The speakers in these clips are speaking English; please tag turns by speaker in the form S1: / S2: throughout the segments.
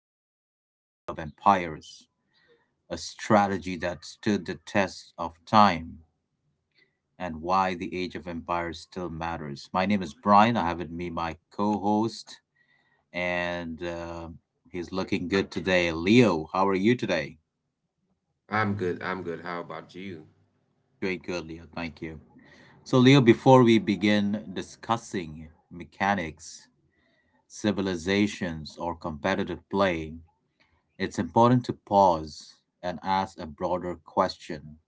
S1: about the Age of Empires, a strategy that stood the test of time, and why the Age of Empires still matters. My name is Brian. I have with me my co host, and he's looking good today. Leo, how are you today?
S2: I'm good. I'm good. How about you?
S1: Doing good, Leo. Thank you. So, Leo, before we begin discussing mechanics, civilizations, or competitive play, it's important to pause and ask a broader question.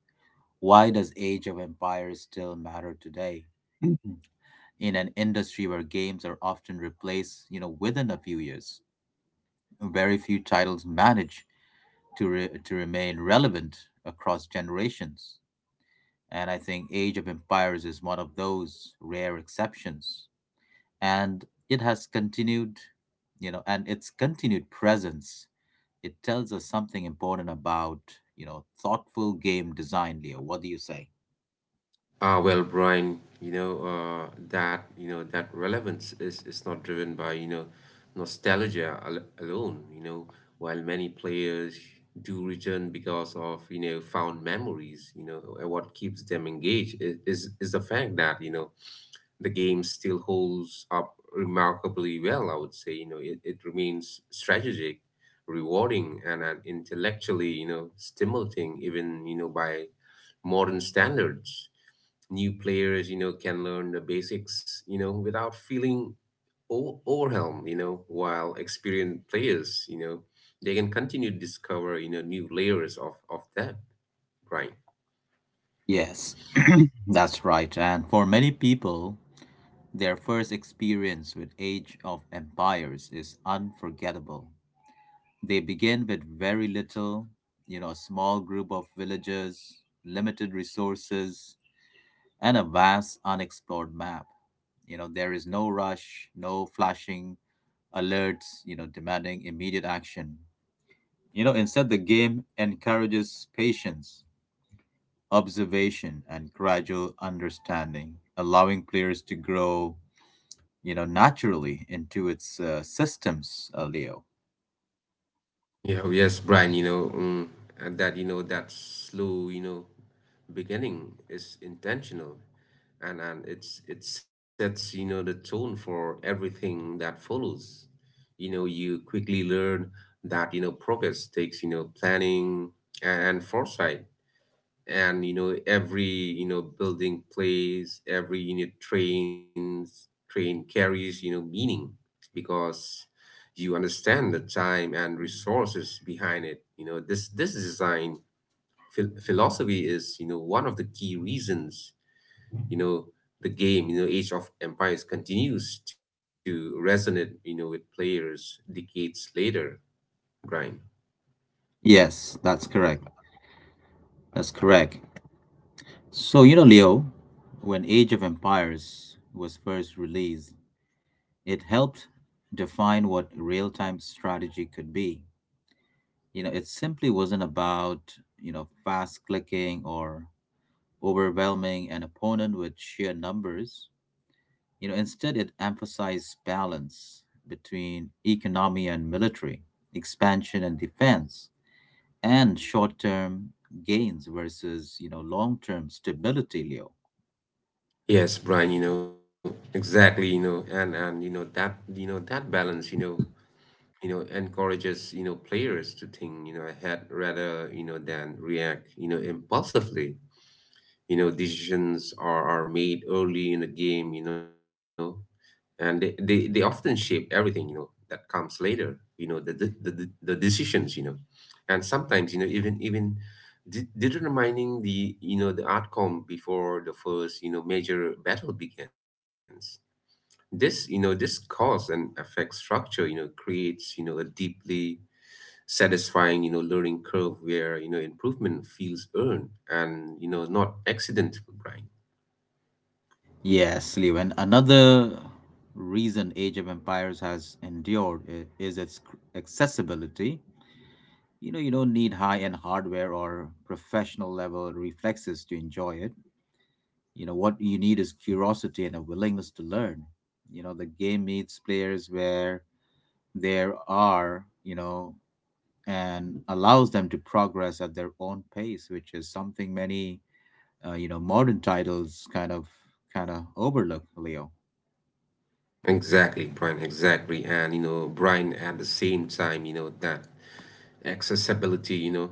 S1: Why does Age of Empires still matter today? In an industry where games are often replaced, within a few years. Very few titles manage to remain relevant across generations, and I think Age of Empires is one of those rare exceptions. And it has continued, and its continued presence it tells us something important about thoughtful game design. Leo, what do you say?
S2: Brian, that relevance is not driven by, alone, while many players do return because of, found memories, what keeps them engaged is the fact that, the game still holds up remarkably well, I would say. It remains strategic, rewarding, and intellectually, stimulating, even, by modern standards. New players, can learn the basics, without feeling overwhelmed, while experienced players, they can continue to discover, new layers of that, right?
S1: Yes. That's right, and for many people their first experience with Age of Empires is unforgettable. They begin with very little, a small group of villagers, limited resources, and a vast unexplored map. You know, there is no rush, no flashing alerts demanding immediate action. You know, instead, the game encourages patience, observation, and gradual understanding, allowing players to grow, naturally into its systems, Leo.
S2: Yeah, oh yes, Brian, and that, that slow, beginning is intentional and it sets, the tone for everything that follows. You know, you quickly learn that, progress takes, planning and foresight and every building plays, every unit train carries meaning, because you understand the time and resources behind it. You know this design philosophy is one of the key reasons you know the game, Age of Empires, continues to resonate with players decades later, Brian.
S1: Yes, that's correct. That's correct. So, you know, Leo, when Age of Empires was first released, it helped define what real time strategy could be. You know, it simply wasn't about, you know, fast clicking or overwhelming an opponent with sheer numbers. You know, instead, it emphasized balance between economy and military, expansion and defense, and short-term gains versus long-term stability, Leo.
S2: Yes, Brian, exactly, and that balance, encourages players to think ahead rather than react impulsively. You know decisions are made early in the game, and they often shape everything that comes later, the decisions, and sometimes even determining the the outcome before the first major battle begins. This this cause and effect structure creates a deeply satisfying, learning curve where, improvement feels earned and, not accidental, Brian.
S1: Yes, Leo. And another reason Age of Empires has endured is its accessibility. You know, you don't need high-end hardware or professional level reflexes to enjoy it. You know, what you need is curiosity and a willingness to learn. You know, the game meets players where they are, you know, and allows them to progress at their own pace, which is something many, you know, modern titles kind of overlook, Leo.
S2: Exactly, Brian, exactly. And, Brian, at the same time, that accessibility,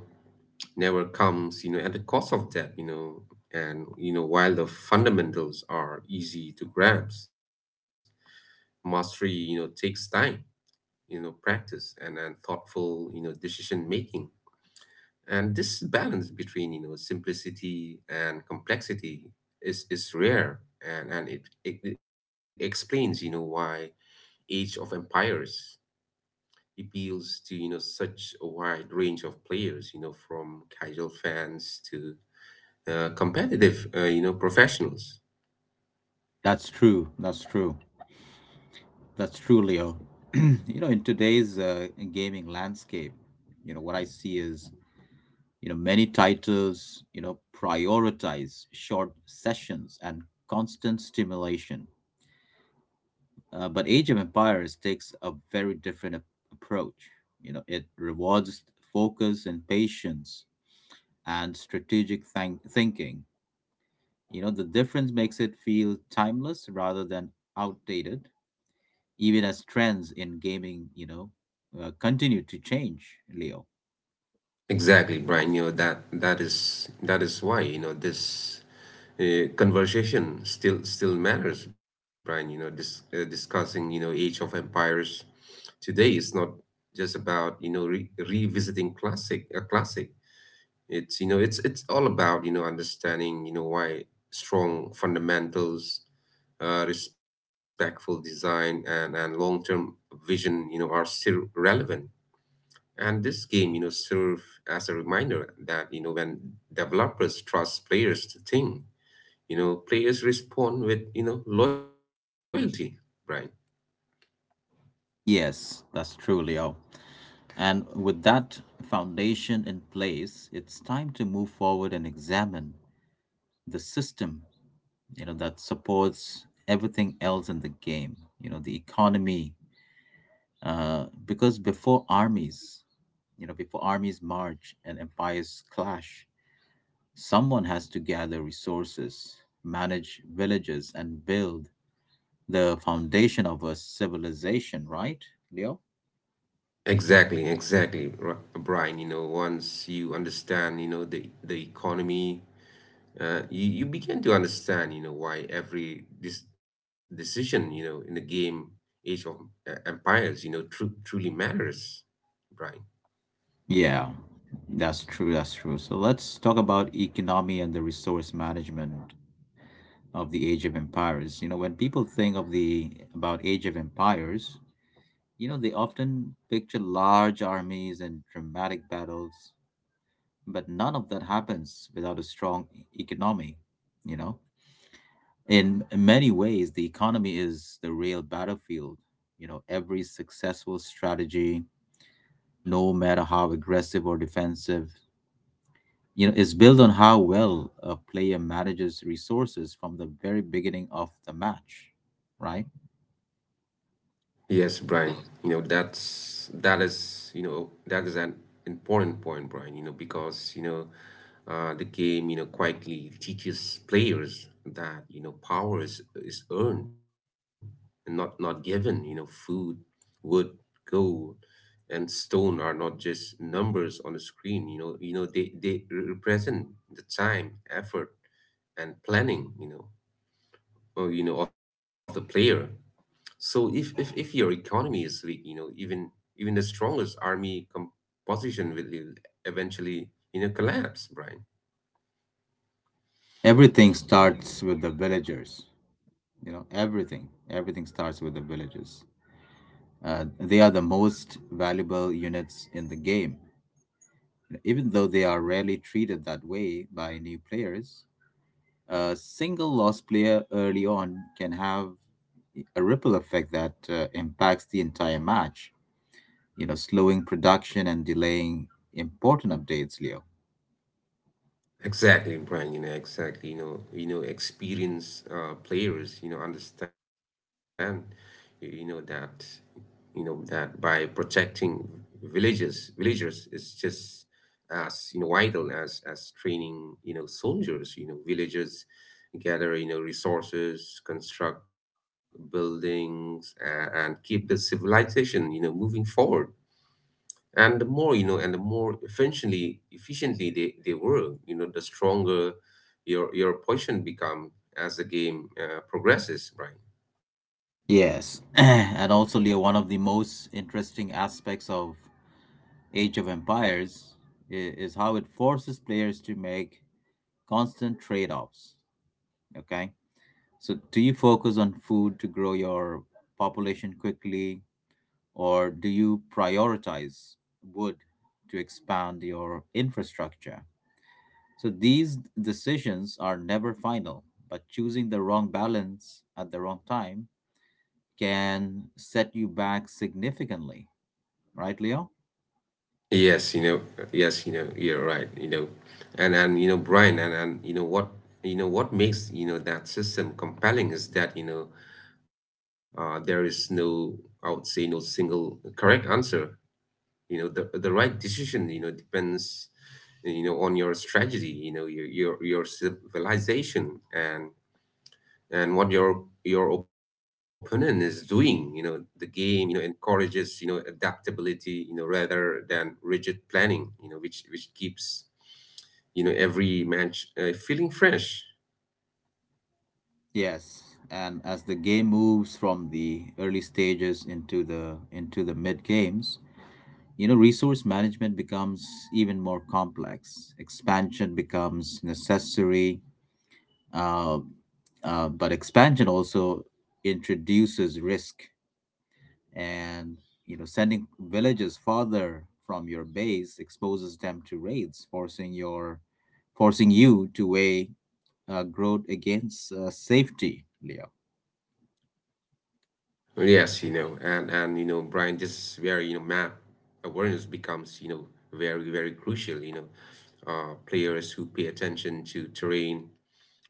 S2: never comes, at the cost of that, and, while the fundamentals are easy to grasp, mastery, takes time, practice and thoughtful, decision making. And this balance between, simplicity and complexity is rare. And it explains, why Age of Empires appeals to, such a wide range of players, from casual fans to competitive, professionals.
S1: That's true. That's true. That's true, Leo. You know, in today's gaming landscape, you know, what I see is, you know, many titles, you know, prioritize short sessions and constant stimulation. But Age of Empires takes a very different approach. You know, it rewards focus and patience and strategic thinking. You know, the difference makes it feel timeless rather than outdated even as trends in gaming, you know, continue to change, Leo.
S2: Exactly, Brian. That is that is why, this conversation still matters, Brian. You know, this discussing, Age of Empires today is not just about, re revisiting classic a classic. It's, it's all about, understanding, why strong fundamentals, respectful design and long-term vision, are still relevant. And this game, serve as a reminder that, when developers trust players to think, players respond with, loyalty, Brian.
S1: Yes, that's true, Leo. And with that foundation in place, it's time to move forward and examine the system, you know, that supports everything else in the game, you know, the economy. Because before armies, before armies march and empires clash, someone has to gather resources, manage villages, and build the foundation of a civilization, right, Leo?
S2: Exactly, exactly, Brian. You know, once you understand, the economy, you begin to understand, why every this decision, in the game Age of Empires, truly matters, Brian.
S1: Yeah, that's true. That's true. So let's talk about economy and the resource management of the Age of Empires. You know, when people think of the about Age of Empires, you know, they often picture large armies and dramatic battles, but none of that happens without a strong economy, you know. In many ways, the economy is the real battlefield. You know, every successful strategy no matter how aggressive or defensive, you know, is built on how well a player manages resources from the very beginning of the match, right?
S2: Yes, Brian. That is, that is an important point, Brian, because the game, quietly teaches players that, power is earned and not given. You know, food, wood, gold, and stone are not just numbers on the screen. They they represent the time, effort, and planning, or, of the player. So if your economy is weak, even the strongest army composition will eventually, collapse, Brian.
S1: Everything starts with the villagers. You know, everything starts with the villagers. They are the most valuable units in the game. Even though they are rarely treated that way by new players, a single lost player early on can have a ripple effect that impacts the entire match, you know, slowing production and delaying important updates, Leo.
S2: Exactly, Brian, exactly, experienced players, understand, you you know, that, that by protecting villagers is just as vital as training soldiers. You know villagers gather resources, construct buildings, and keep the civilization moving forward. And the more efficiently they work, the stronger your position become as the game progresses, Brian.
S1: Yes. And also, Leo, one of the most interesting aspects of Age of Empires is how it forces players to make constant trade offs. Okay. So, do you focus on food to grow your population quickly, or do you prioritize wood to expand your infrastructure? So these decisions are never final, but choosing the wrong balance at the wrong time can set you back significantly, right, Leo?
S2: Yes, yes, you're right, and Brian, and what makes that system compelling is that there is no, I would say, no single correct answer. You know, the right decision, depends, on your strategy, your civilization, and what your opponent is doing. The game encourages adaptability, rather than rigid planning, which keeps every match feeling fresh.
S1: Yes, and as the game moves from the early stages into the mid games, you know, resource management becomes even more complex. Expansion becomes necessary, uh, but expansion also introduces risk, and sending villages farther from your base exposes them to raids, forcing you to weigh growth against safety, Leo.
S2: Yes you know and you know Brian, this is where, map awareness becomes, very very crucial. Players who pay attention to terrain,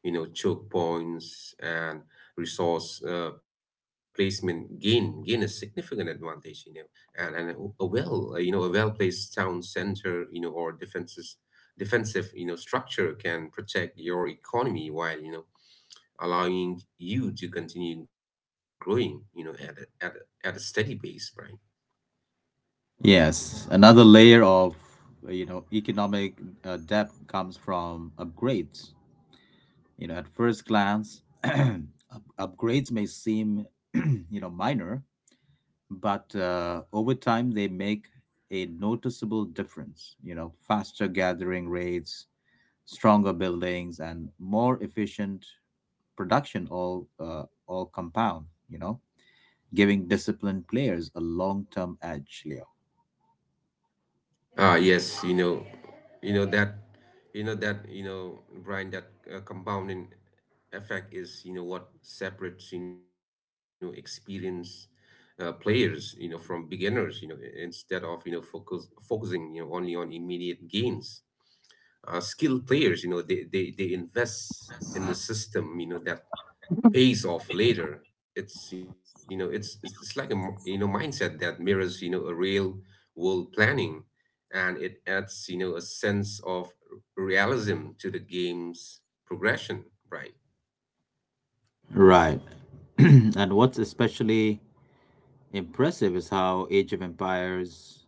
S2: choke points, and resource placement gain a significant advantage, and a well, a well-placed town center, or defenses defensive, structure can protect your economy while, allowing you to continue growing, at at a steady pace, Brian.
S1: Yes, another layer of economic debt comes from upgrades. You know, at first glance, upgrades may seem minor, but over time they make a noticeable difference. You know, faster gathering rates, stronger buildings, and more efficient production all compound, you know, giving disciplined players a long-term edge, Leo.
S2: Ah, yes, you know that, you know that, you know, Brian, that compounding effect is, what separates, experienced players, from beginners, instead of, focusing, only on immediate gains. Skilled players, they invest in the system, that pays off later. It's like a mindset that mirrors a real world planning, and it adds a sense of realism to the game's progression, Brian.
S1: Right. And what's especially impressive is how Age of Empires,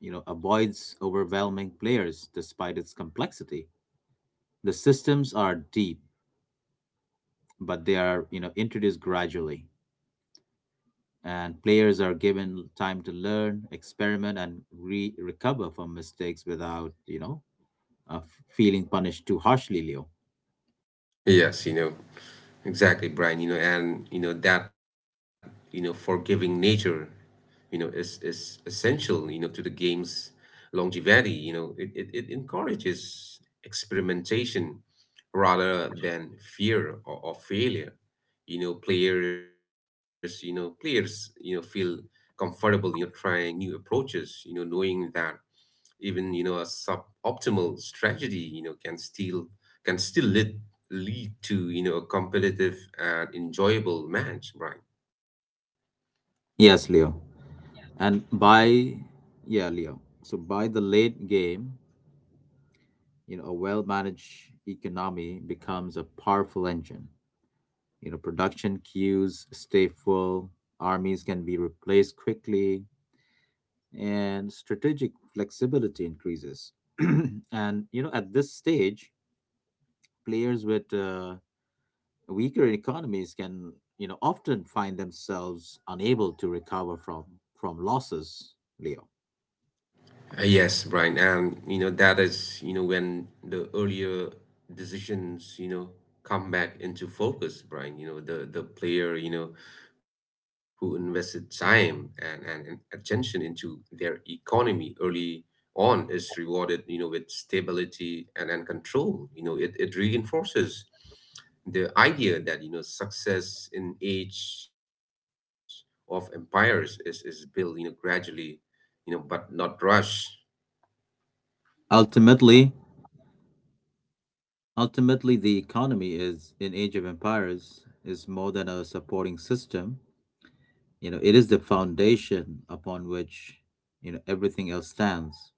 S1: you know, avoids overwhelming players despite its complexity. The systems are deep, but they are, you know, introduced gradually, and players are given time to learn, experiment, and recover from mistakes without, you know, uh, f- feeling punished too harshly, Leo.
S2: Yes, exactly, Brian. You know, and that forgiving nature, is essential You know, to the game's longevity. It encourages experimentation rather than fear of failure. Players, feel comfortable, trying new approaches, knowing that even, a suboptimal strategy, can still lead lead to, a competitive and enjoyable match, right?
S1: Yes, Leo. And by, yeah, Leo. So by the late game, you know, a well managed economy becomes a powerful engine. You know, production queues stay full, armies can be replaced quickly, and strategic flexibility increases. And, you know, at this stage, players with weaker economies can often find themselves unable to recover from losses, Leo.
S2: Yes, Brian, and that is when the earlier decisions come back into focus, Brian. You know the player who invested time and attention into their economy early on is rewarded with stability and control. You know it it reinforces the idea that success in Age of Empires is built gradually, but not rush.
S1: ultimately Ultimately, the economy is in Age of Empires is more than a supporting system. You know, it is the foundation upon which, you know, everything else stands.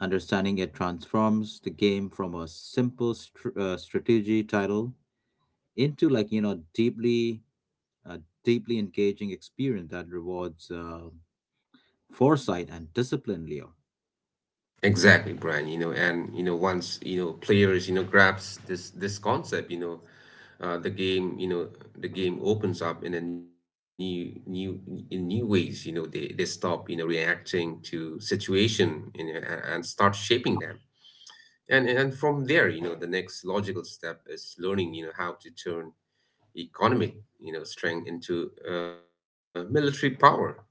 S1: Understanding it transforms the game from a simple strategy title into, like a deeply engaging experience that rewards foresight and discipline, Leo.
S2: Exactly, Brian. You know, and once players, grabs this concept, the game, the game opens up in a new new in new ways. They they stop, reacting to situation, and start shaping them. And from there, the next logical step is learning, how to turn economic, strength into military power.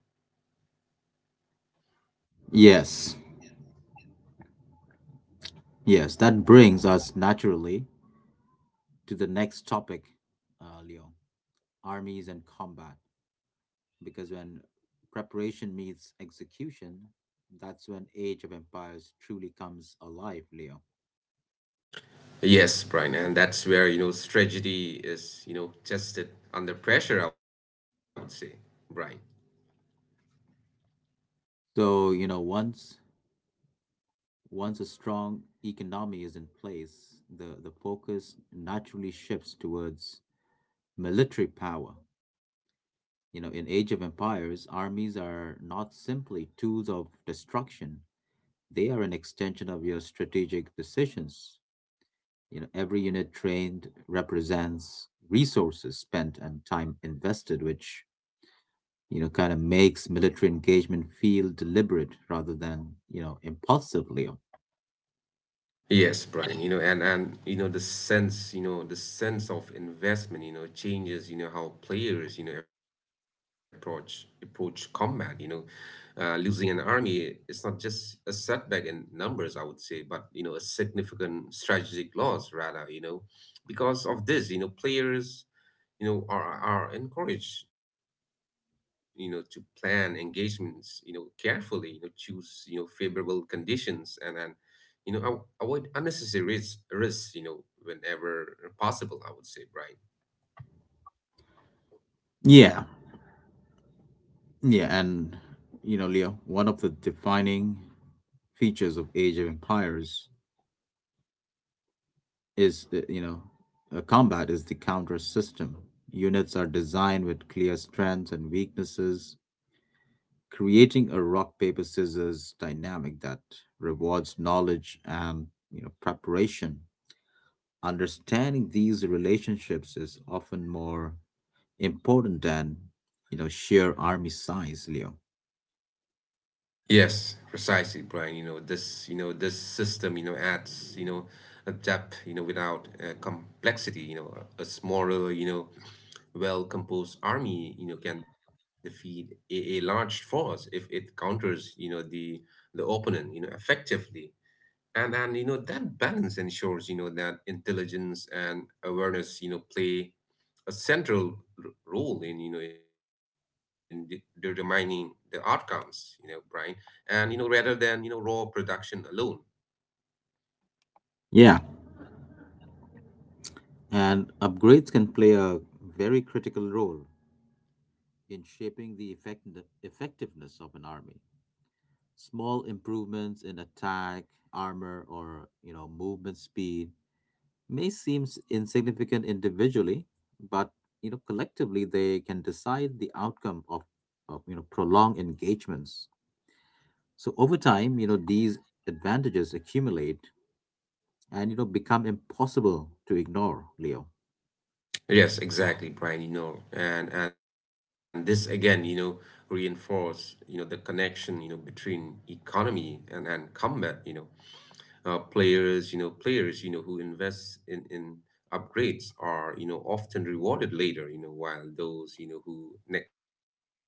S1: Yes, yes, that brings us naturally to the next topic, Leo, armies and combat. Because when preparation meets execution, that's when Age of Empires truly comes alive, Leo.
S2: Yes, Brian, and that's where, strategy is, tested under pressure, I would say, Brian.
S1: So, you know, once a strong economy is in place, the focus naturally shifts towards military power. You know, in Age of Empires, armies are not simply tools of destruction. They are an extension of your strategic decisions. You know, every unit trained represents resources spent and time invested, which, you know, kind of makes military engagement feel deliberate rather than, you know, impulsive, Leo.
S2: Yes, Brian, and the sense, the sense of investment, changes, how players, approach combat. Losing an army is not just a setback in numbers, I would say, but a significant strategic loss rather. Because of this, players are encouraged to plan engagements carefully, choose favorable conditions, and avoid unnecessary risks whenever possible, I would say, Brian.
S1: Yeah. Yeah, and you know, Leo, one of the defining features of Age of Empires is combat is the counter system. Units are designed with clear strengths and weaknesses, creating a rock paper scissors dynamic that rewards knowledge and, you know, preparation. Understanding these relationships is often more important than, you know, sheer army size, Leo.
S2: Yes, precisely, Brian. This system adds a depth without complexity. A smaller well-composed army can defeat a large force if it counters the opponent effectively. And that balance ensures that intelligence and awareness play a central role in determining the outcomes, Brian, and rather than raw production alone.
S1: Yeah, and upgrades can play a very critical role in shaping the effectiveness of an army. Small improvements in attack, armor, or, you know, movement speed may seem insignificant individually, but, you know, collectively they can decide the outcome of, you know, prolonged engagements. So over time, you know, these advantages accumulate and, you know, become impossible to ignore, Leo.
S2: Yes, exactly, Brian. You know and This again, you know, reinforce the connection, you know, between economy and combat, you know. Players players who invest in upgrades are often rewarded later while those who neglect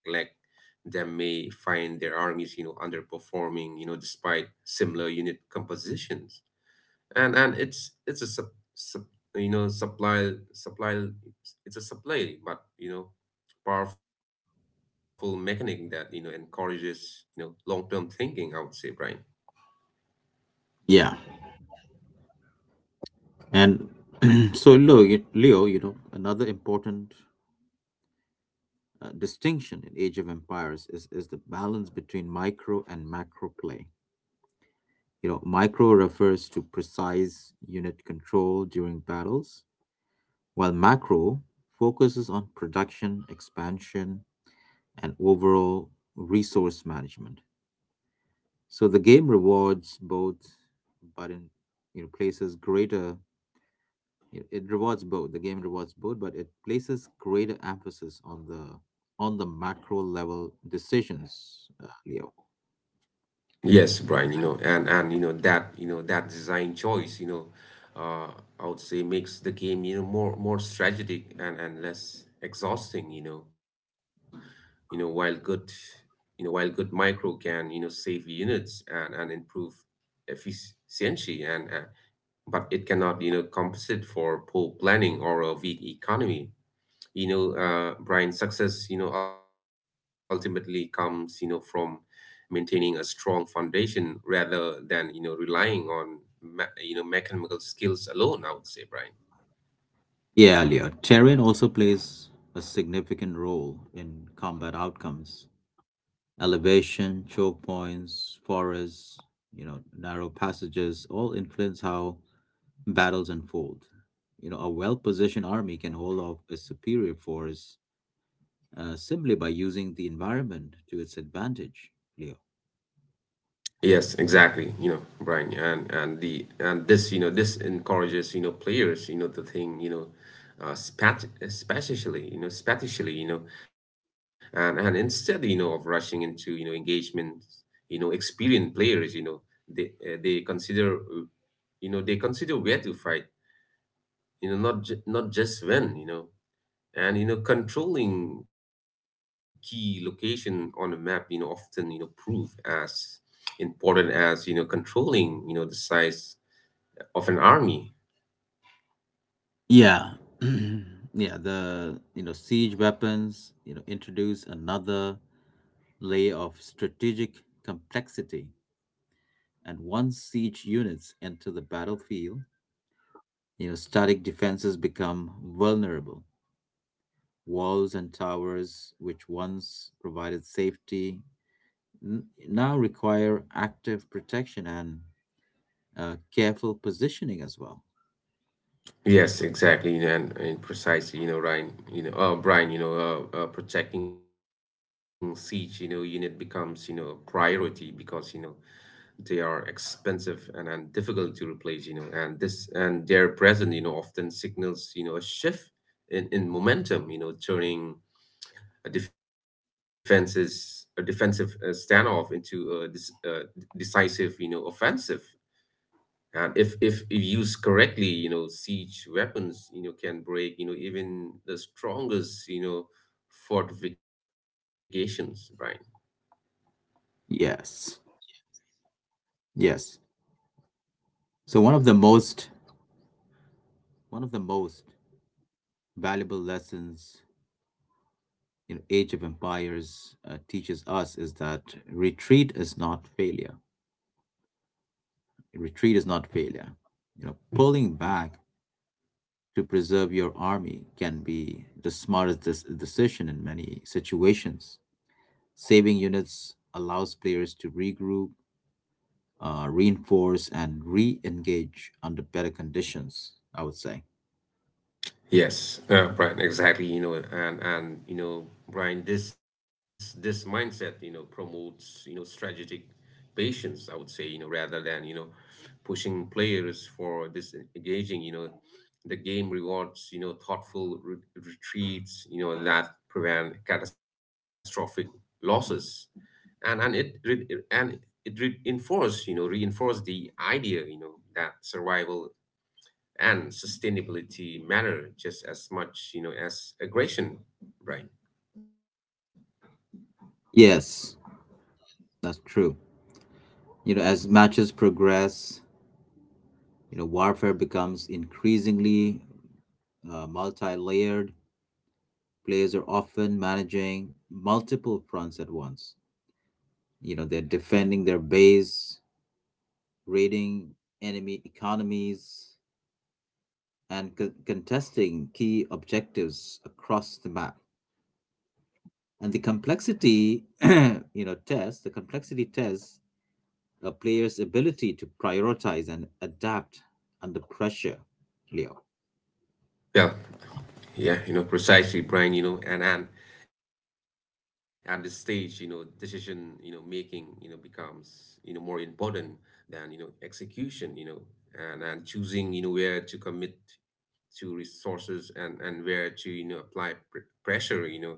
S2: them may find their armies underperforming despite similar unit compositions. And it's a sub, sub you know supply supply it's a supply but powerful mechanic that encourages long term thinking. I would say, Brian.
S1: Yeah, and so Leo, Leo, you know another important distinction in Age of Empires is the balance between micro and macro play. You know, micro refers to precise unit control during battles, while macro focuses on production, expansion, and overall resource management. So the game rewards both, but in, places greater. It rewards both. The game rewards both, but it places greater emphasis on the macro level decisions, Leo.
S2: Yes, Brian, and that that design choice uh, I would say makes the game more strategic and less exhausting while good, while good micro can save units and improve efficiency and but it cannot compensate for poor planning or a weak economy, Brian. Success ultimately comes from maintaining a strong foundation rather than relying on, mechanical skills alone, I would say, Brian.
S1: Yeah, Leo. Terrain also plays a significant role in combat outcomes. Elevation, choke points, forests, you know, narrow passages all influence how battles unfold. You know, a well-positioned army can hold off a superior force simply by using the environment to its advantage, Leo.
S2: Yes, exactly. Brian, and this this encourages players the thing spatially, and instead of rushing into engagement experienced players they consider, where to fight not just when and controlling key location on a map often prove as important as controlling the size of an army.
S1: Yeah. Yeah, the, you know, siege weapons, you know, introduce another layer of strategic complexity. And once siege units enter the battlefield, you know, static defenses become vulnerable. Walls and towers, which once provided safety, now require active protection and careful positioning as well.
S2: Yes, exactly, and precisely Brian, protecting siege unit becomes a priority because they are expensive and difficult to replace. You know and this and Their presence often signals a shift in momentum, turning a defensive standoff into this, decisive offensive. And if used correctly, siege weapons can break even the strongest fortifications, right?
S1: Yes, yes. So one of the most valuable lessons, you know, Age of Empires teaches us is that retreat is not failure. Retreat is not failure. You know, pulling back to preserve your army can be the smartest decision in many situations. Saving units allows players to regroup, reinforce, and re engage under better conditions, I would say.
S2: Yes, Brian, exactly, and Brian, this mindset promotes strategic patience, I would say, rather than pushing players for disengaging, the game rewards thoughtful re retreats that prevent catastrophic losses. And and it re and it reinforce the idea that survival and sustainability matter just as much as aggression, Brian.
S1: Yes, that's true. You know, as matches progress, you know, warfare becomes increasingly multi layered. Players are often managing multiple fronts at once. You know, they're defending their base, raiding enemy economies, and contesting key objectives across the map. And the complexity, the complexity tests a player's ability to prioritize and adapt under pressure, Leo.
S2: Yeah, yeah, precisely, Brian, and at this stage decision making becomes more important than execution, and choosing where to commit, to resources and where to apply pressure,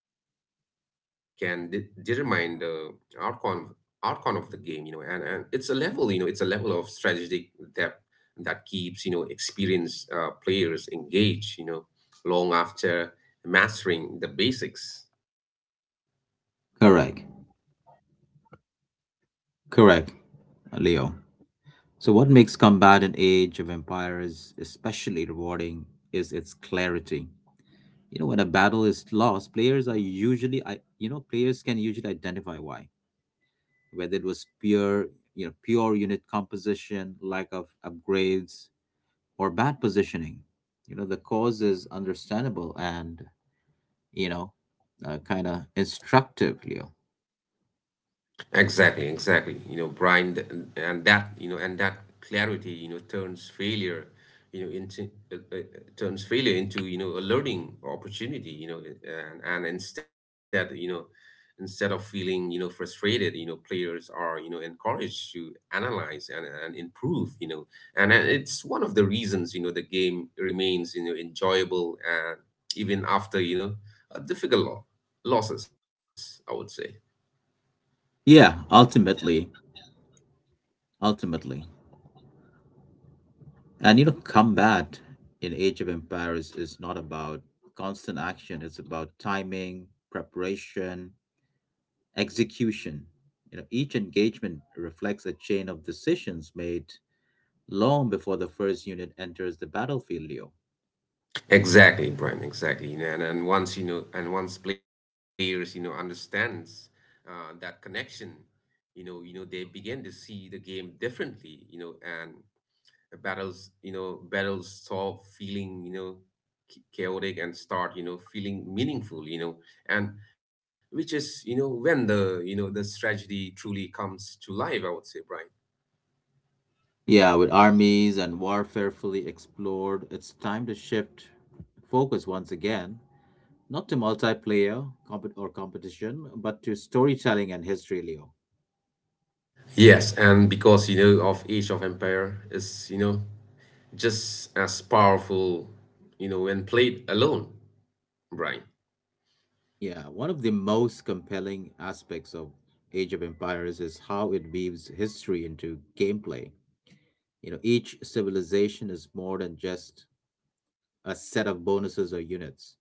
S2: can determine the outcome outcome of the game. You know and It's a level, it's a level of strategic depth that keeps experienced players engaged, long after mastering the basics.
S1: Correct. Correct, Leo. So, what makes combat in Age of Empires especially rewarding is its clarity. You know, when a battle is lost, players are usually, I, you know, players can usually identify why, whether it was pure unit composition, lack of upgrades, or bad positioning. You know, the cause is understandable and, you know, kind of instructive, Leo.
S2: Exactly, exactly. Brian, th- and that, you know, and that clarity turns failure into a learning opportunity, and instead instead of feeling frustrated players are encouraged to analyze and improve, and it's one of the reasons the game remains enjoyable, and even after a losses, I would say.
S1: Yeah, ultimately. And you know, combat in Age of Empires is not about constant action, it's about timing, preparation, execution. You know, each engagement reflects a chain of decisions made long before the first unit enters the battlefield, Leo.
S2: Exactly, Brian. Exactly, and once players understands that connection, they begin to see the game differently, and the battles battles stop feeling chaotic and start feeling meaningful, and which is when the you know the strategy truly comes to life, I would say, Brian.
S1: Yeah, with armies and warfare fully explored, it's time to shift focus once again, not to multiplayer compet- or competition, but to storytelling and history, Leo.
S2: Yes, and because of Age of Empire is just as powerful, when played alone, Brian.
S1: Yeah, one of the most compelling aspects of Age of Empires is how it weaves history into gameplay. You know, each civilization is more than just a set of bonuses or units.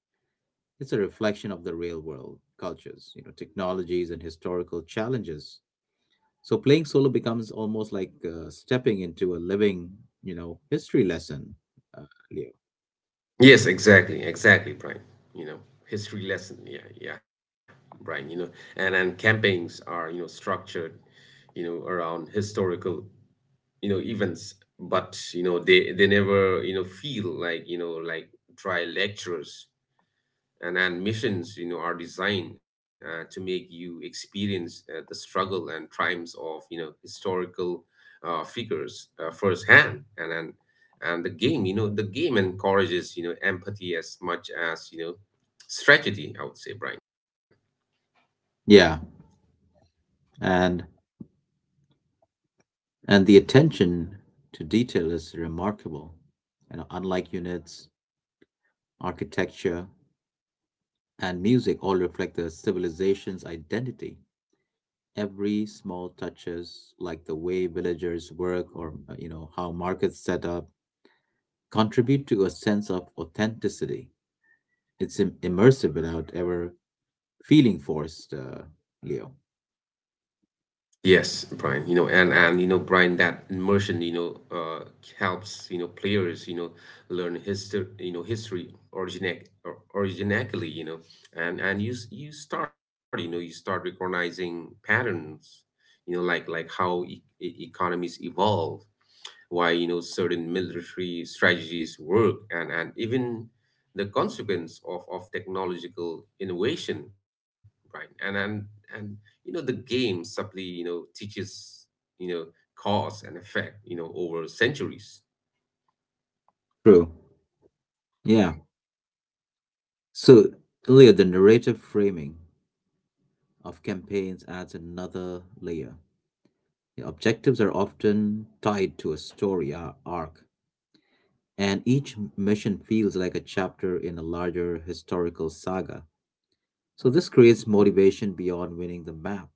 S1: It's a reflection of the real world, cultures, you know, technologies and historical challenges. So playing solo becomes almost like stepping into a living, you know, history lesson, uh, Leo.
S2: Yes, exactly, exactly, Brian. You know, history lesson, yeah, yeah, Brian. You know, and Campaigns are structured, around historical events, but they never feel like dry lectures, and missions are designed to make you experience the struggle and triumphs of historical figures firsthand, and the game, the game encourages empathy as much as strategy, I would say, Brian.
S1: Yeah, and and the attention to detail is remarkable. You know, unlike units, architecture, and music all reflect the civilization's identity. Every small touches, like the way villagers work or you know how markets set up, contribute to a sense of authenticity. It's immersive without ever feeling forced, Leo.
S2: Yes, Brian, and Brian, that immersion, helps players learn history, history originac or originally, and you you start, you start recognizing patterns, like how e e economies evolve, why certain military strategies work, and even the consequence of technological innovation, right? And the game simply teaches you know cause and effect over centuries.
S1: True. Yeah. So, Leo, the narrative framing of campaigns adds another layer. The objectives are often tied to a arc, and each mission feels like a chapter in a larger historical saga. So, this creates motivation beyond winning the map.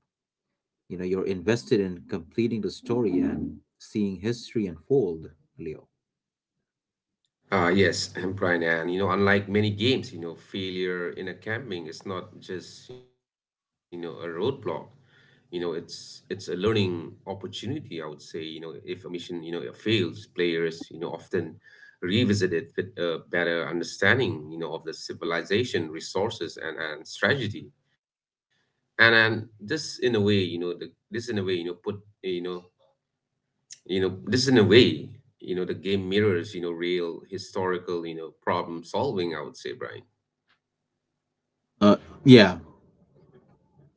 S1: You know, you're invested in completing the story and seeing history unfold, Leo.
S2: Yes, I'm Brian, and unlike many games, failure in a camping is not just a roadblock. It's a learning opportunity, I would say. If a mission fails, players often revisit it with a better understanding, of the civilization, resources, and strategy. And this in a way, you know, the, this in a way, you know, put you know you know this in a way you know the game mirrors real historical problem solving, I would say, Brian.
S1: Uh, yeah,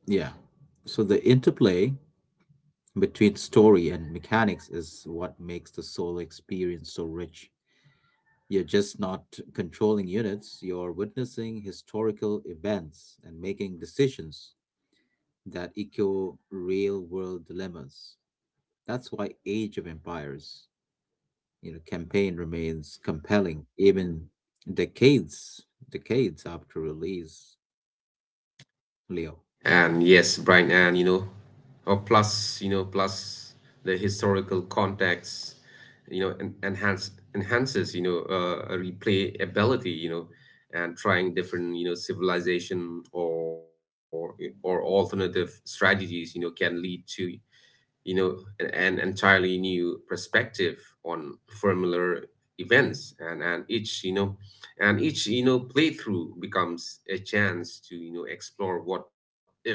S1: yeah. So the interplay between story and mechanics is what makes the solo experience so rich. You're just not controlling units, you're witnessing historical events and making decisions that echo real world dilemmas. That's why Age of Empires, you know, campaign remains compelling even decades decades after release, Leo.
S2: And Yes, Brian, and plus plus the historical context enhances a replay ability, and trying different civilization or alternative strategies can lead to you know, an entirely new perspective on familiar events, and each you know, and each playthrough becomes a chance to explore what if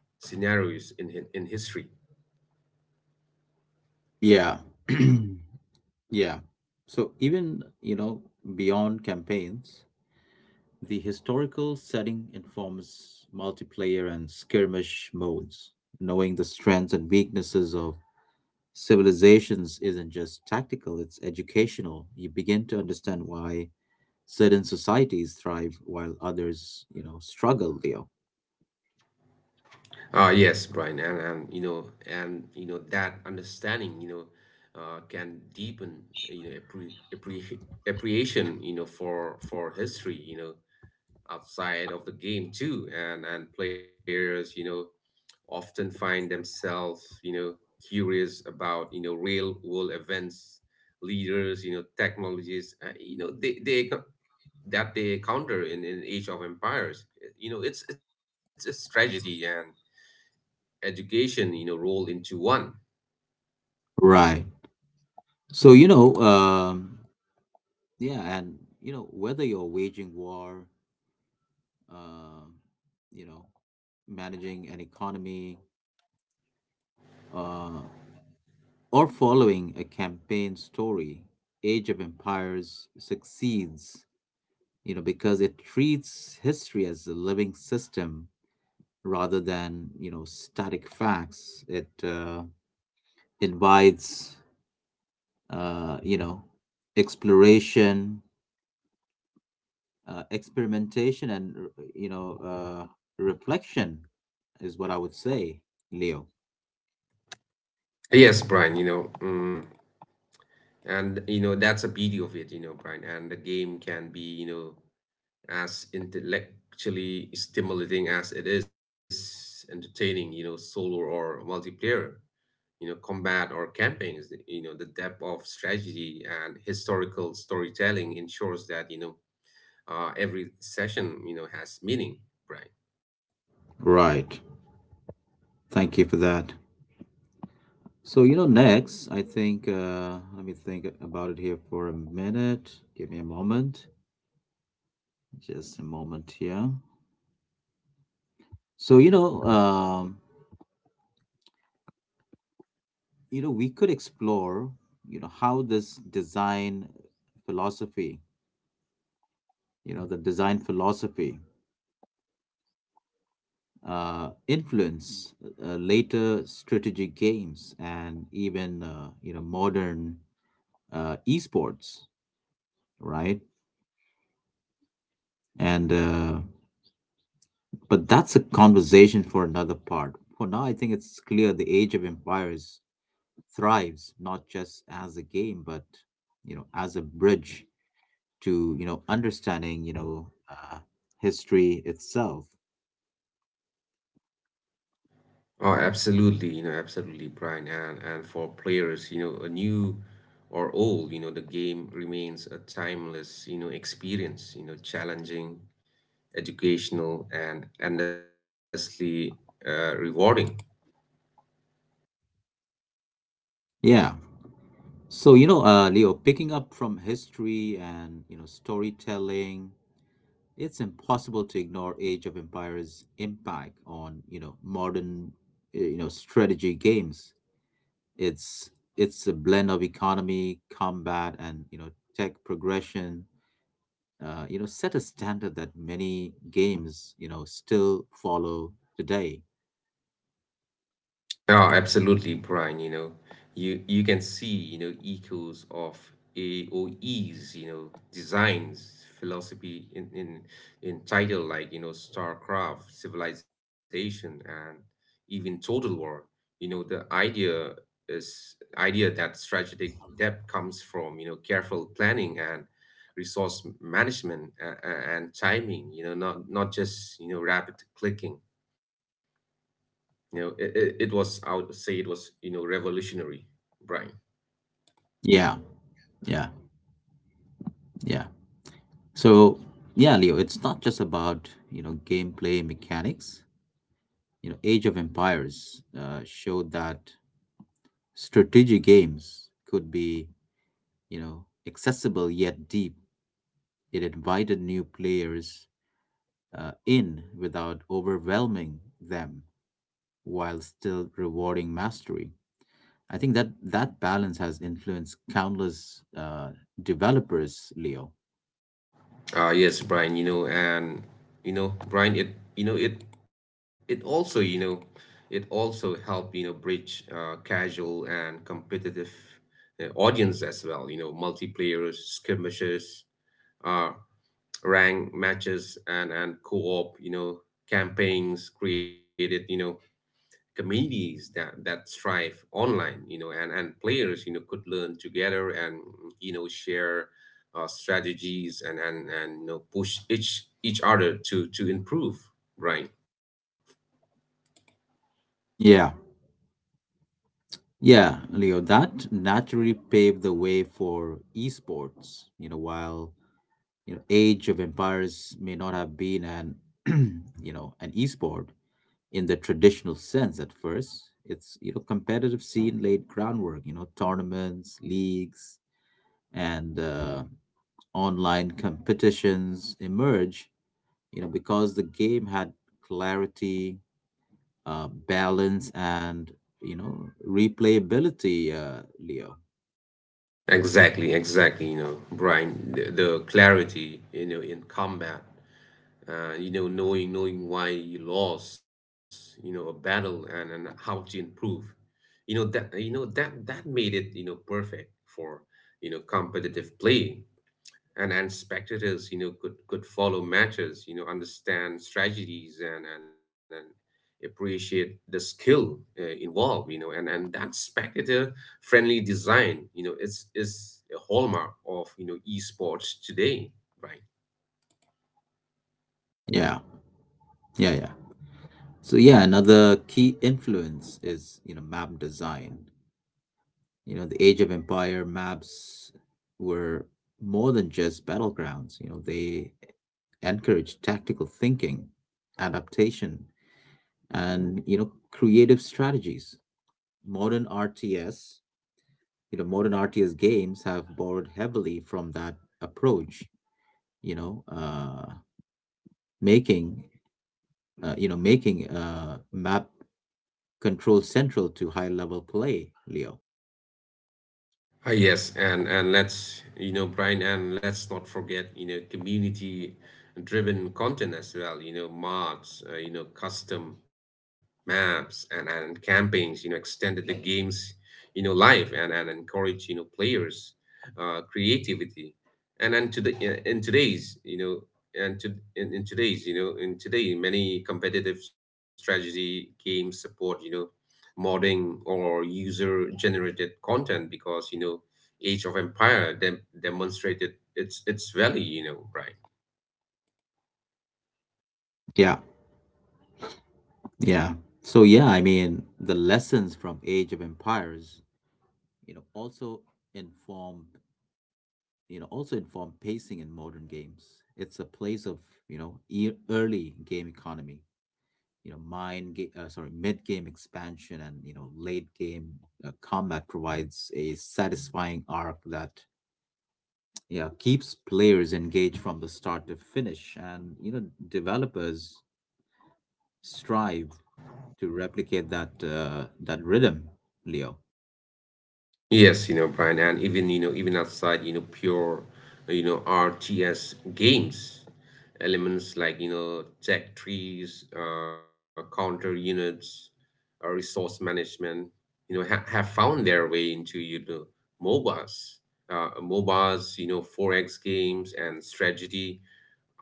S2: scenarios in history.
S1: Yeah. Yeah, so even you know beyond campaigns, the historical setting informs multiplayer and skirmish modes. Knowing the strengths and weaknesses of civilizations isn't just tactical, it's educational. You begin to understand why certain societies thrive while others you know struggle, Leo.
S2: Yes, Brian, and that understanding, can deepen appreciation, for history, outside of the game too, and players, often find themselves, curious about real world events, leaders, technologies, they that they encounter in Age of Empires. It's tragedy and education, rolled into one.
S1: Right. So, yeah, and, you know, whether you're um, you know, managing an economy, uh, or following a campaign story, Age of Empires succeeds, you know, because it treats history as a living system rather than, you know, static facts. It invites, you know, exploration, experimentation and reflection is what I would say, Leo.
S2: Yes, Brian, and that's a beauty of it, Brian. And the game can be as intellectually stimulating as it is entertaining, solo or multiplayer. Combat or campaigns, the depth of strategy and historical storytelling ensures that every session has meaning, Brian.
S1: Right. Thank you for that. So you know, next I think let me think about it here for a minute. Give me a moment, just a moment here. So you know, we could explore you know how this design philosophy, you know, the design philosophy influence later strategic games and even you know modern esports, right? And but that's a conversation for another part. For now, I think it's clear the Age of Empires thrives not just as a game, but you know as a bridge to you know understanding history itself.
S2: Oh, absolutely, absolutely Brian, and for players, a new or old, the game remains a timeless experience, challenging, educational, and endlessly rewarding.
S1: Yeah. So, Leo, picking up from history and, you know, storytelling. It's impossible to ignore Age of Empires' impact on, you know, modern, you know, strategy games. It's it's a blend of economy, combat, and you know, tech progression. You know, set a standard that many games, you know, still follow today.
S2: Oh, absolutely, Brian. You can see echoes of A O E's designs, philosophy in title like StarCraft, Civilization, and even Total War. The idea is idea that strategic depth comes from careful planning and resource management and timing, not just rapid clicking. It was, I would say it was, revolutionary, Brian.
S1: Yeah, yeah, yeah. So, yeah, Leo, it's not just about, you know, gameplay mechanics. You know, Age of Empires showed that strategic games could be you know, accessible yet deep. It invited new players in without overwhelming them while still rewarding mastery. I think that that balance has influenced countless developers, Leo.
S2: Ah, yes, Brian, and, Brian, you know, it, it also, you know, it also helped, bridge casual and competitive audience as well, multiplayers, skirmishes, uh, rank matches, and co-op, campaigns created, communities that thrive online, and players could learn together, and share strategies, and push each other to improve, right.
S1: Yeah. Yeah, Leo, that naturally paved the way for esports. You know, while you know Age of Empires may not have been an you know an esport, in the traditional sense at first. It's you know competitive scene laid groundwork. You know tournaments, leagues, and online competitions emerge. You know because the game had clarity, balance, and you know replayability. Leo.
S2: Exactly, Brian, the clarity in combat, knowing why you lost a battle and how to improve. That made it perfect for competitive play, and spectators could follow matches, understand strategies, and appreciate the skill involved. And that spectator friendly design, it's is a hallmark of esports today, right.
S1: Yeah. Yeah. So yeah, another key influence is you know map design. You know, the Age of Empire maps were more than just battlegrounds. You know, they encouraged tactical thinking, adaptation, and you know, creative strategies. Modern RTS, you know, Modern RTS games have borrowed heavily from that approach. You know, uh, making you know making map control central to high level play, Leo.
S2: Ah, yes, and Brian, and let's not forget community driven content as well. Mods, custom maps, and campaigns extended the games', life, and encourage players', creativity, and to the and to in today's, you know in today many competitive strategy games support, modding or user generated content, because Age of Empire demonstrated its value, Brian.
S1: Yeah. Yeah. So yeah, I mean, the lessons from Age of Empires, you know, also inform, you know, also inform pacing in modern games. It's a place of, you know, early game economy, you know, mid game expansion and, you know, late game combat provides a satisfying arc that yeah, keeps players engaged from the start to finish and, you know, developers strive to replicate that rhythm, Leo.
S2: Yes, Brian, and even outside pure, RTS games, elements like tech trees, counter units, resource management, have found their way into MOBAs MOBAs, 4X games, and strategy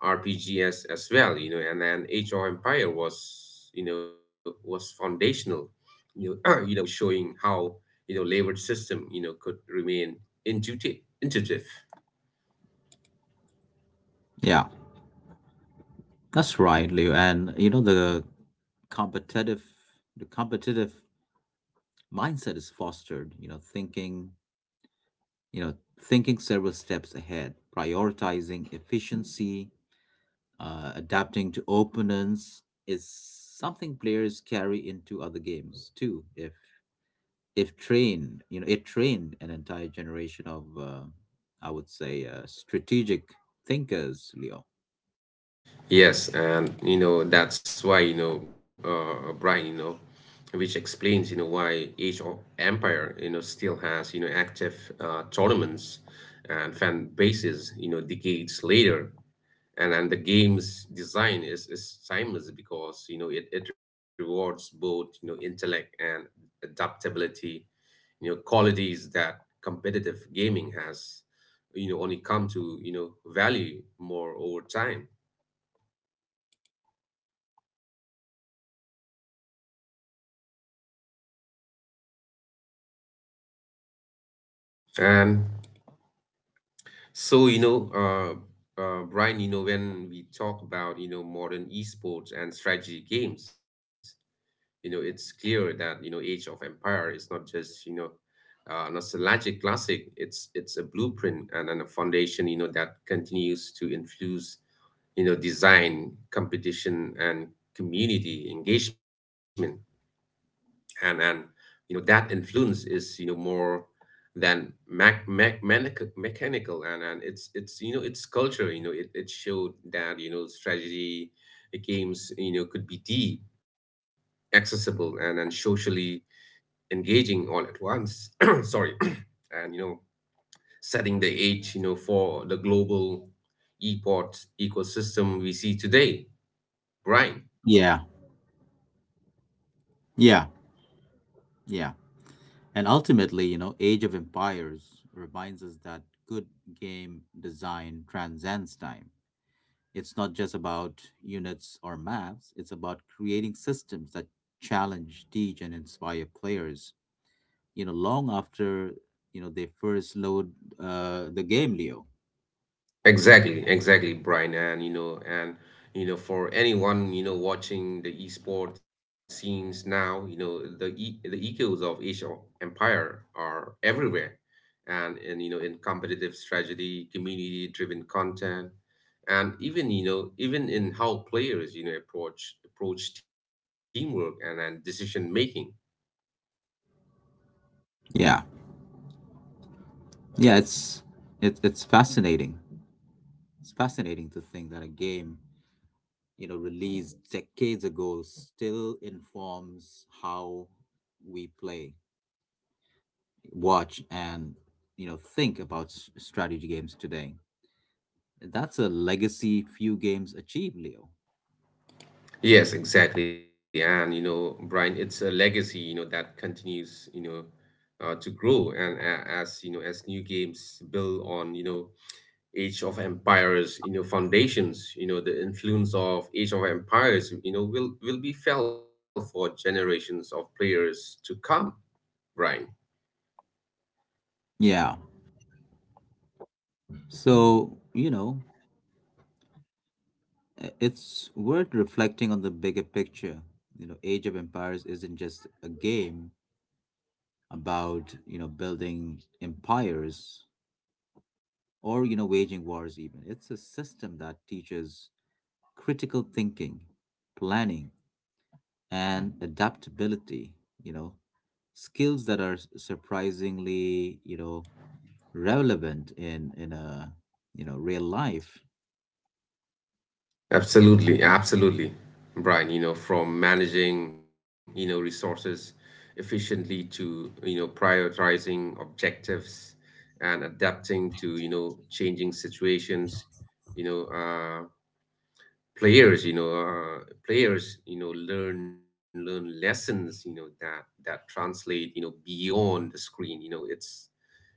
S2: RPGs as well, and then Age of Empire was, was foundational, showing how, layered system, could remain intuitive, intuitive.
S1: Yeah, that's right, Leo. And you know competitive the competitive mindset is fostered, you know, thinking several steps ahead, prioritizing efficiency, adapting to opponents is something players carry into other games too. If trained, you know, it trained an entire generation of I would say strategic thinkers, Leo.
S2: Yes, and that's why, Brian, which explains, why Age of Empire, still has, active, tournaments and fan bases, decades later. And the game's design is timeless, because it, it rewards both intellect and adaptability, qualities that competitive gaming has, only come to, value more over time. And so, Brian, when we talk about modern esports and strategy games, it's clear that Age of Empire is not just, nostalgic classic. It's a blueprint and a foundation that continues to influence, design, competition, and community engagement. And that influence is, more than mechanical. And it's it's culture. It, it showed that strategy games, could be deep, accessible, and socially engaging all at once. Sorry. And setting the age, for the global esports ecosystem we see today, right.
S1: Yeah. Yeah. Yeah. And ultimately, you know, Age of Empires reminds us that good game design transcends time. It's not just about units or maps, it's about creating systems that challenge, teach, and inspire players, you know, long after, you know, they first load the game, Leo.
S2: Exactly, exactly, Brian. And for anyone, watching the esports scenes now, the echoes of Asian Empire are everywhere, and in competitive strategy, community-driven content, and even in how players, approach teamwork, and decision making.
S1: Yeah. Yeah, it's fascinating. It's fascinating to think that a game, you know, released decades ago still informs how we play, watch and you know think about strategy games today. That's a legacy few games achieve, Leo.
S2: Yes, exactly. And, Brian, it's a legacy, that continues, to grow. And as new games build on, Age of Empires', foundations, the influence of Age of Empires, will be felt for generations of players to come, Brian.
S1: Yeah, so you know, it's worth reflecting on the bigger picture. You know, Age of Empires isn't just a game about you know building empires or you know waging wars even. It's a system that teaches critical thinking, planning and adaptability, you know, skills that are surprisingly, you know, relevant in a, you know, real life.
S2: Absolutely, absolutely, Brian, from managing, resources efficiently, to, prioritizing objectives and adapting to, changing situations, you know, players, you know, uh, players, learn lessons, that translate, beyond the screen. you know, it's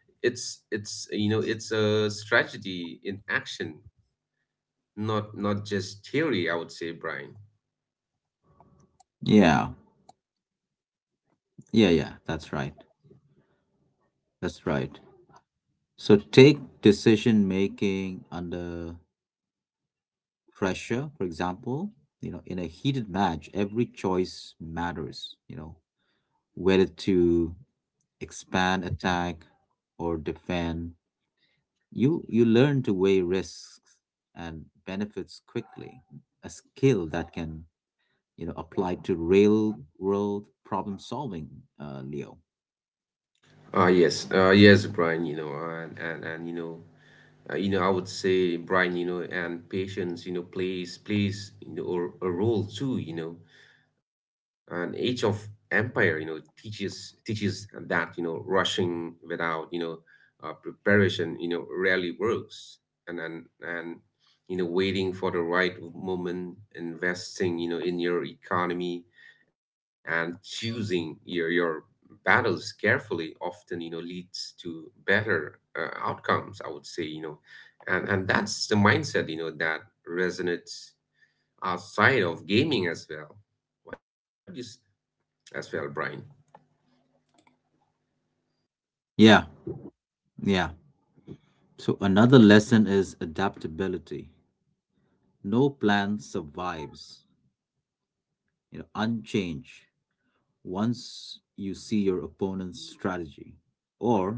S2: it's It's a strategy in action, not just theory, I would say, Brian.
S1: Yeah. Yeah, that's right. That's right. So take decision making under pressure, for example, you know, in a heated match, every choice matters, you know, whether to expand, attack or defend. You learn to weigh risks and benefits quickly, a skill that can you know apply to real-world problem solving, Leo.
S2: Yes, Brian, you know, and you know, I would say, Brian, and patience, plays a role too, an Age of Empire, teaches that, rushing without, preparation, rarely works. And waiting for the right moment, investing, in your economy, and choosing your battles carefully, often, leads to better, outcomes, I would say. And that's the mindset, that resonates outside of gaming as well. What do you As well, Brian.
S1: Yeah, yeah. So another lesson is adaptability. No plan survives, you know, unchanged once you see your opponent's strategy or,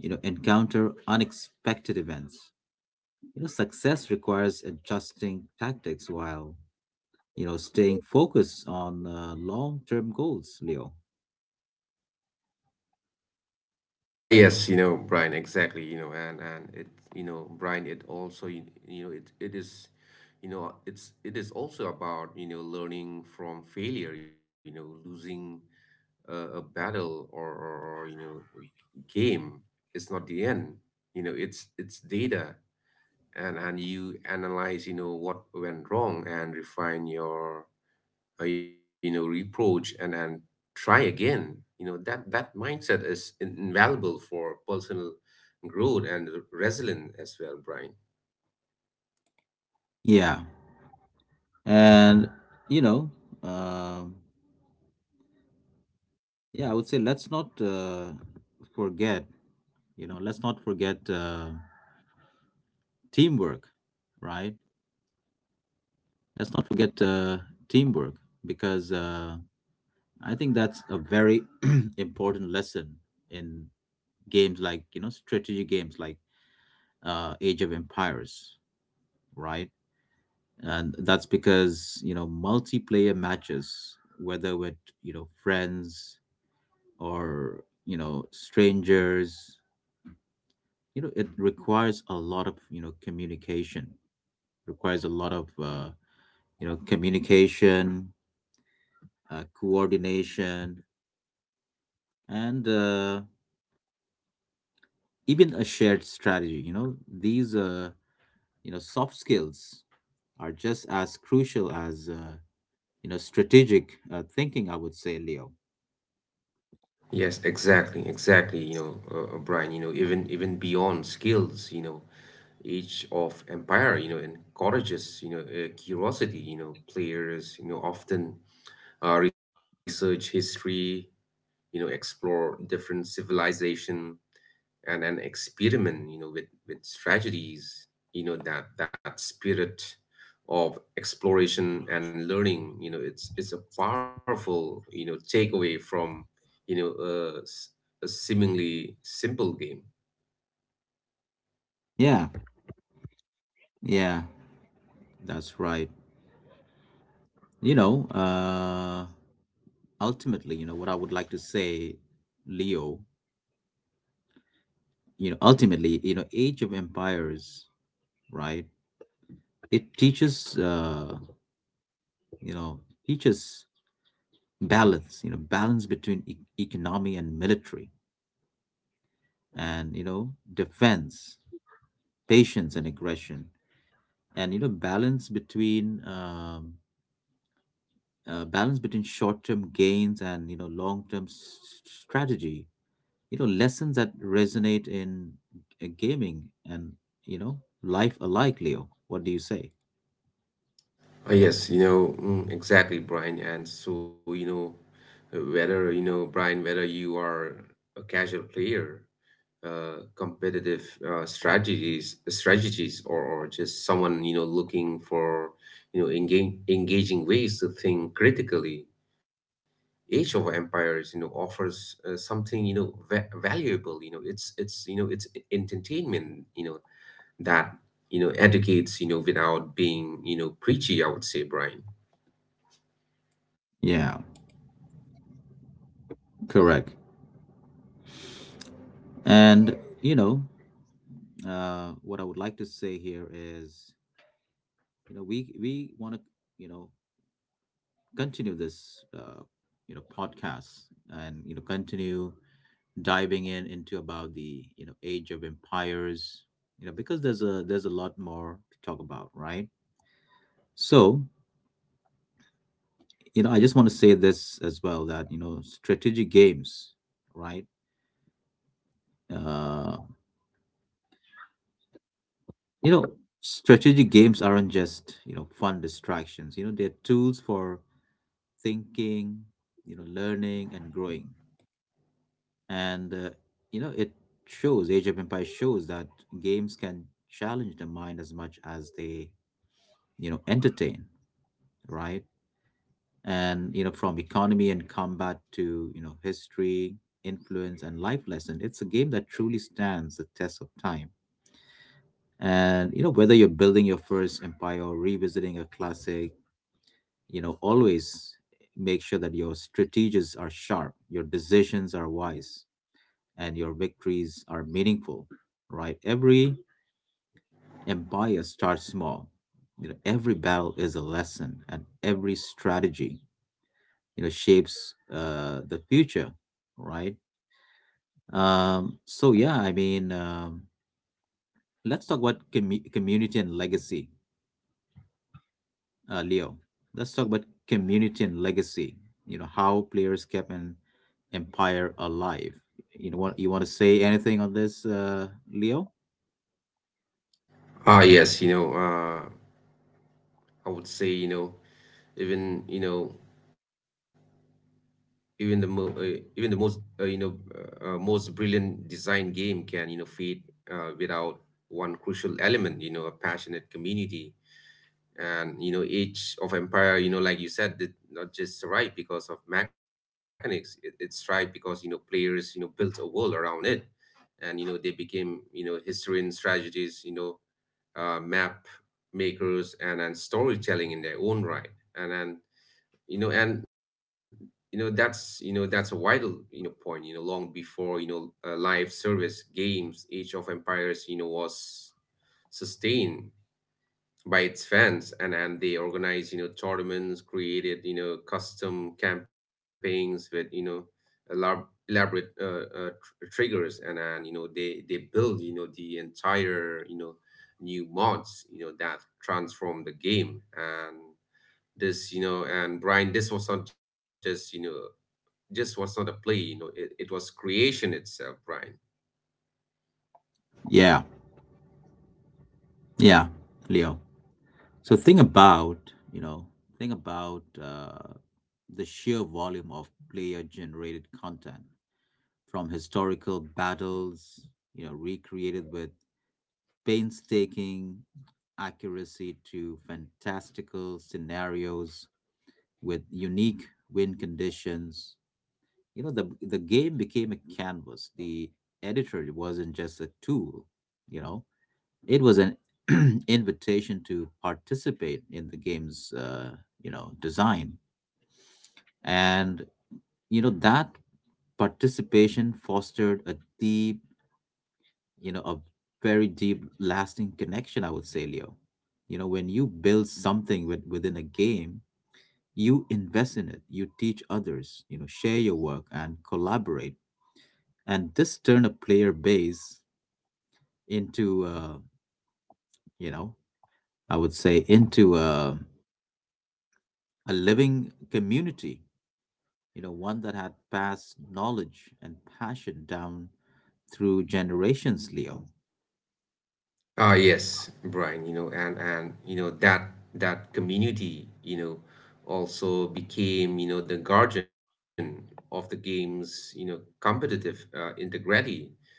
S1: you know, encounter unexpected events. You know, success requires adjusting tactics while you know, staying focused on long-term goals, Leo.
S2: Ah, yes, Brian, exactly, you know, and Brian, it also, you know, it is, it is also about, learning from failure. Losing, a battle, or, game, is not the end. It's data, and you analyze, what went wrong and refine your, reproach and try again. That mindset is invaluable for personal growth and resilience as well, Brian.
S1: Yeah. And, you know, um, yeah, I would say forget, let's not forget teamwork, right? Let's not forget teamwork because I think that's a very important lesson in games like, you know, strategy games like Age of Empires, right? And that's because you know multiplayer matches whether with you know friends or you know strangers, you know it requires a lot of you know communication requires a lot of you know communication, coordination and even a shared strategy. You know these you know soft skills are just as crucial as you know strategic thinking, I would say, Leo.
S2: Yes, exactly, Brian, even, beyond skills, Age of Empire, encourages, curiosity. Players, often, research history, explore different civilization and experiment, with strategies. That spirit of exploration and learning, you know, it's a powerful, takeaway from, you know, uh, s- a seemingly simple game.
S1: Yeah, yeah, that's right. You know, uh, ultimately, you know, what I would like to say, Leo, you know, ultimately, you know, Age of Empires, right? It teaches, you know, teaches balance, you know, balance between e economy and military, and, you know, defense, patience and aggression, and, you know, balance between short-term gains and you know long-term strategy. You know, lessons that resonate in gaming and you know life alike, Leo. What do you say?
S2: Yes, exactly, Brian. And so, whether, Brian, whether you are a casual player, competitive, or, just someone, looking for, engaging ways to think critically, Age of Empires, offers, something, valuable. It's entertainment, that, educates, without being, preachy, I would say, Brian.
S1: Yeah, correct. And you know What I would like to say here is, you know, we want to, you know, continue this you know podcast and you know continue diving in into about the you know Age of Empires, you know, because there's a lot more to talk about, right? So, you know, I just want to say this as well, that you know strategic games, right uh you know, strategic games aren't just you know fun distractions, you know, they're tools for thinking, you know, learning and growing. And you know it shows, Age of Empires shows that games can challenge the mind as much as they you know entertain, right? And you know, from economy and combat to you know history, influence, and life lesson, it's a game that truly stands the test of time. And you know, whether you're building your first empire or revisiting a classic, you know, always make sure that your strategies are sharp, your decisions are wise, and your victories are meaningful, right? Every empire starts small. You know, every battle is a lesson, and every strategy you know shapes the future, right? So yeah, I mean, let's talk about community and legacy, Leo. Let's talk about community and legacy, you know, how players kept an empire alive. You know, what you want to say anything on this, Leo?
S2: Ah, yes, I would say, even, the mo even the most, most brilliant design game can, fade, without one crucial element, a passionate community. And Age of Empire, like you said, did not just survive because of mechanics. It, thrived because, players, built a world around it. And they became, historians, strategies map makers, and storytelling in their own right. And you know and that's, that's a vital, point. Long before, live service games, Age of Empires, was sustained by its fans, and they organized, tournaments, created, custom campaigns with, elab- elaborate, triggers, and they build the entire, new mods, that transform the game. And this you know and Brian, this was not just, was not a play. It, it was creation itself, Brian.
S1: Yeah yeah Leo, so think about, you know, think about the sheer volume of player generated content, from historical battles, you know, recreated with painstaking accuracy, to fantastical scenarios with unique win conditions. You know, the game became a canvas. The editor wasn't just a tool, you know. It was an invitation to participate in the game's you know, design. And you know, that participation fostered a deep, you know, a very deep lasting connection, I would say, Leo. You know, when you build something with, within a game, you invest in it, you teach others, you know, share your work and collaborate. And this turn a player base into you know, I would say into a living community, you know, one that had passed knowledge and passion down through generations, Leo.
S2: Ah, yes, Brian, and you know that community, also became, the guardian of the game's, competitive, integrity.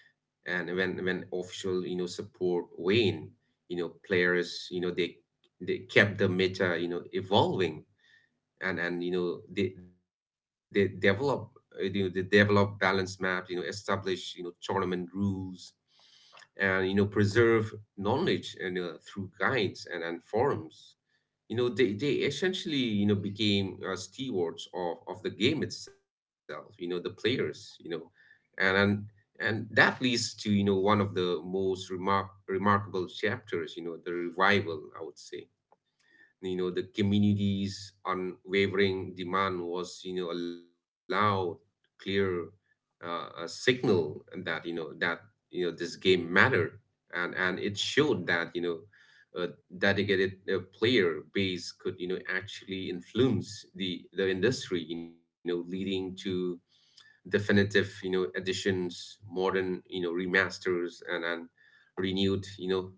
S2: And when official, support waned, players, they kept the meta, evolving. And they develop balance maps, establish tournament rules, and preserve knowledge, and through guides and forums. They essentially, became, stewards of the game itself, the players, and and and that leads to, one of the most remarkable chapters, the revival, I would say. The community's unwavering demand was, a loud, clear, a signal, that this game mattered. And it showed that, a dedicated, player base could, actually influence the industry, leading to definitive, additions, modern, remasters, and renewed,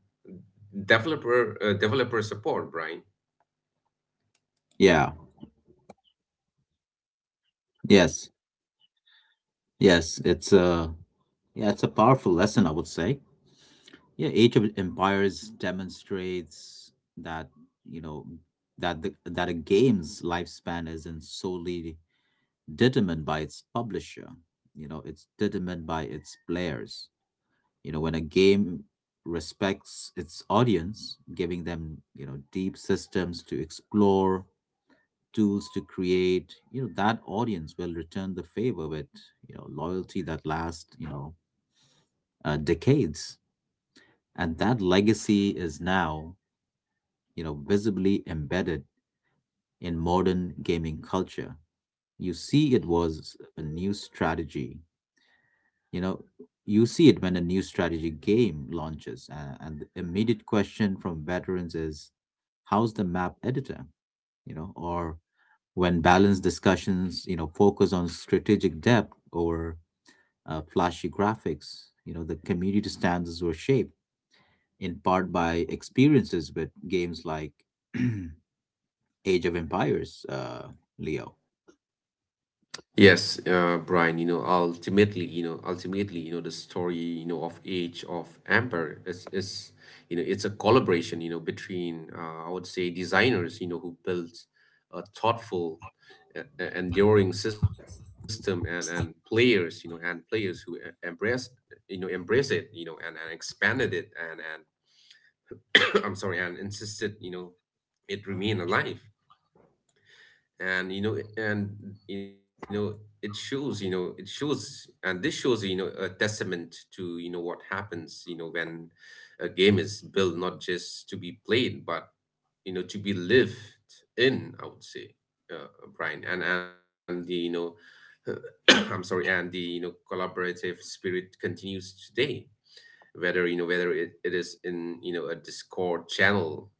S2: developer, developer support, Brian.
S1: Yeah yes yes it's yeah, it's a powerful lesson, I would say. Yeah, Age of Empires demonstrates that, you know, that a game's lifespan isn't solely determined by its publisher. You know, it's determined by its players. You know, when a game respects its audience, giving them, you know, deep systems to explore, tools to create, you know, that audience will return the favor with, you know, loyalty that lasts, you know, decades. And that legacy is now, you know, visibly embedded in modern gaming culture. You see it was a new strategy. You know, you see it when a new strategy game launches, and the immediate question from veterans is, how's the map editor? You know, or when balanced discussions, you know, focus on strategic depth over flashy graphics, you know, the community standards were shaped in part by experiences with games like Age of Empires, Leo.
S2: Yes, Brian, ultimately, the story, of Age of Amber is, it's a collaboration, I would say, designers, who built a thoughtful, enduring system, and players, you know, and players who, embrace, embrace it, and expanded it, I'm sorry, and insisted, it remain alive. And you know it shows, and this shows a testament to, what happens, when a game is built, not just to be played, but, to be lived in, I would say, uh, Brian. And the you know I'm sorry, and the, collaborative spirit continues today, whether, whether it, it is in, a Discord channel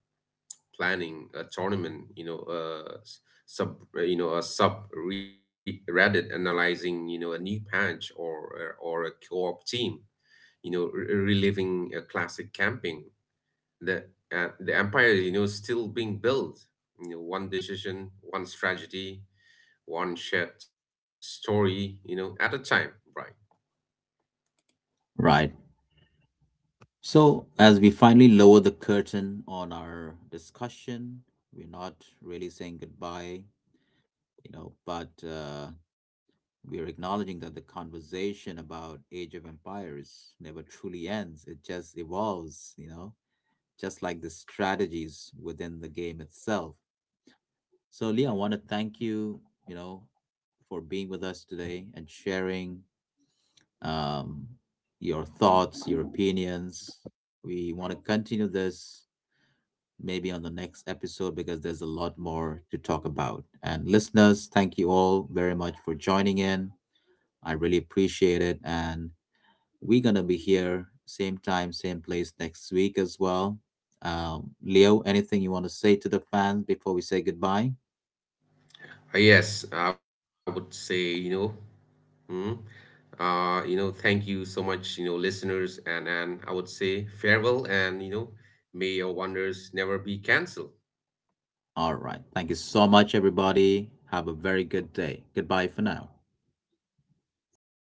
S2: planning a tournament, you know s- sub you know a reddit analyzing, a new patch, or a co-op team, reliving a classic camping, the the Empire, is still being built, one decision, one strategy, one shared story, at a time, right.
S1: Right. So, as we finally lower the curtain on our discussion, we're not really saying goodbye, you know, but we're acknowledging that the conversation about Age of Empires never truly ends. It just evolves, you know, just like the strategies within the game itself. So, Leah, I want to thank you, you know, for being with us today and sharing um, your thoughts, your opinions. We want to continue this maybe on the next episode because there's a lot more to talk about. And listeners, thank you all very much for joining in. I really appreciate it. And we're going to be here same time, same place next week as well. Leo, anything you want to say to the fans before we say goodbye?
S2: Yes, I would say, hmm thank you so much, listeners, and I would say farewell, and may your wonders never be cancelled.
S1: All right, thank you so much, everybody. Have a very good day. Goodbye for now.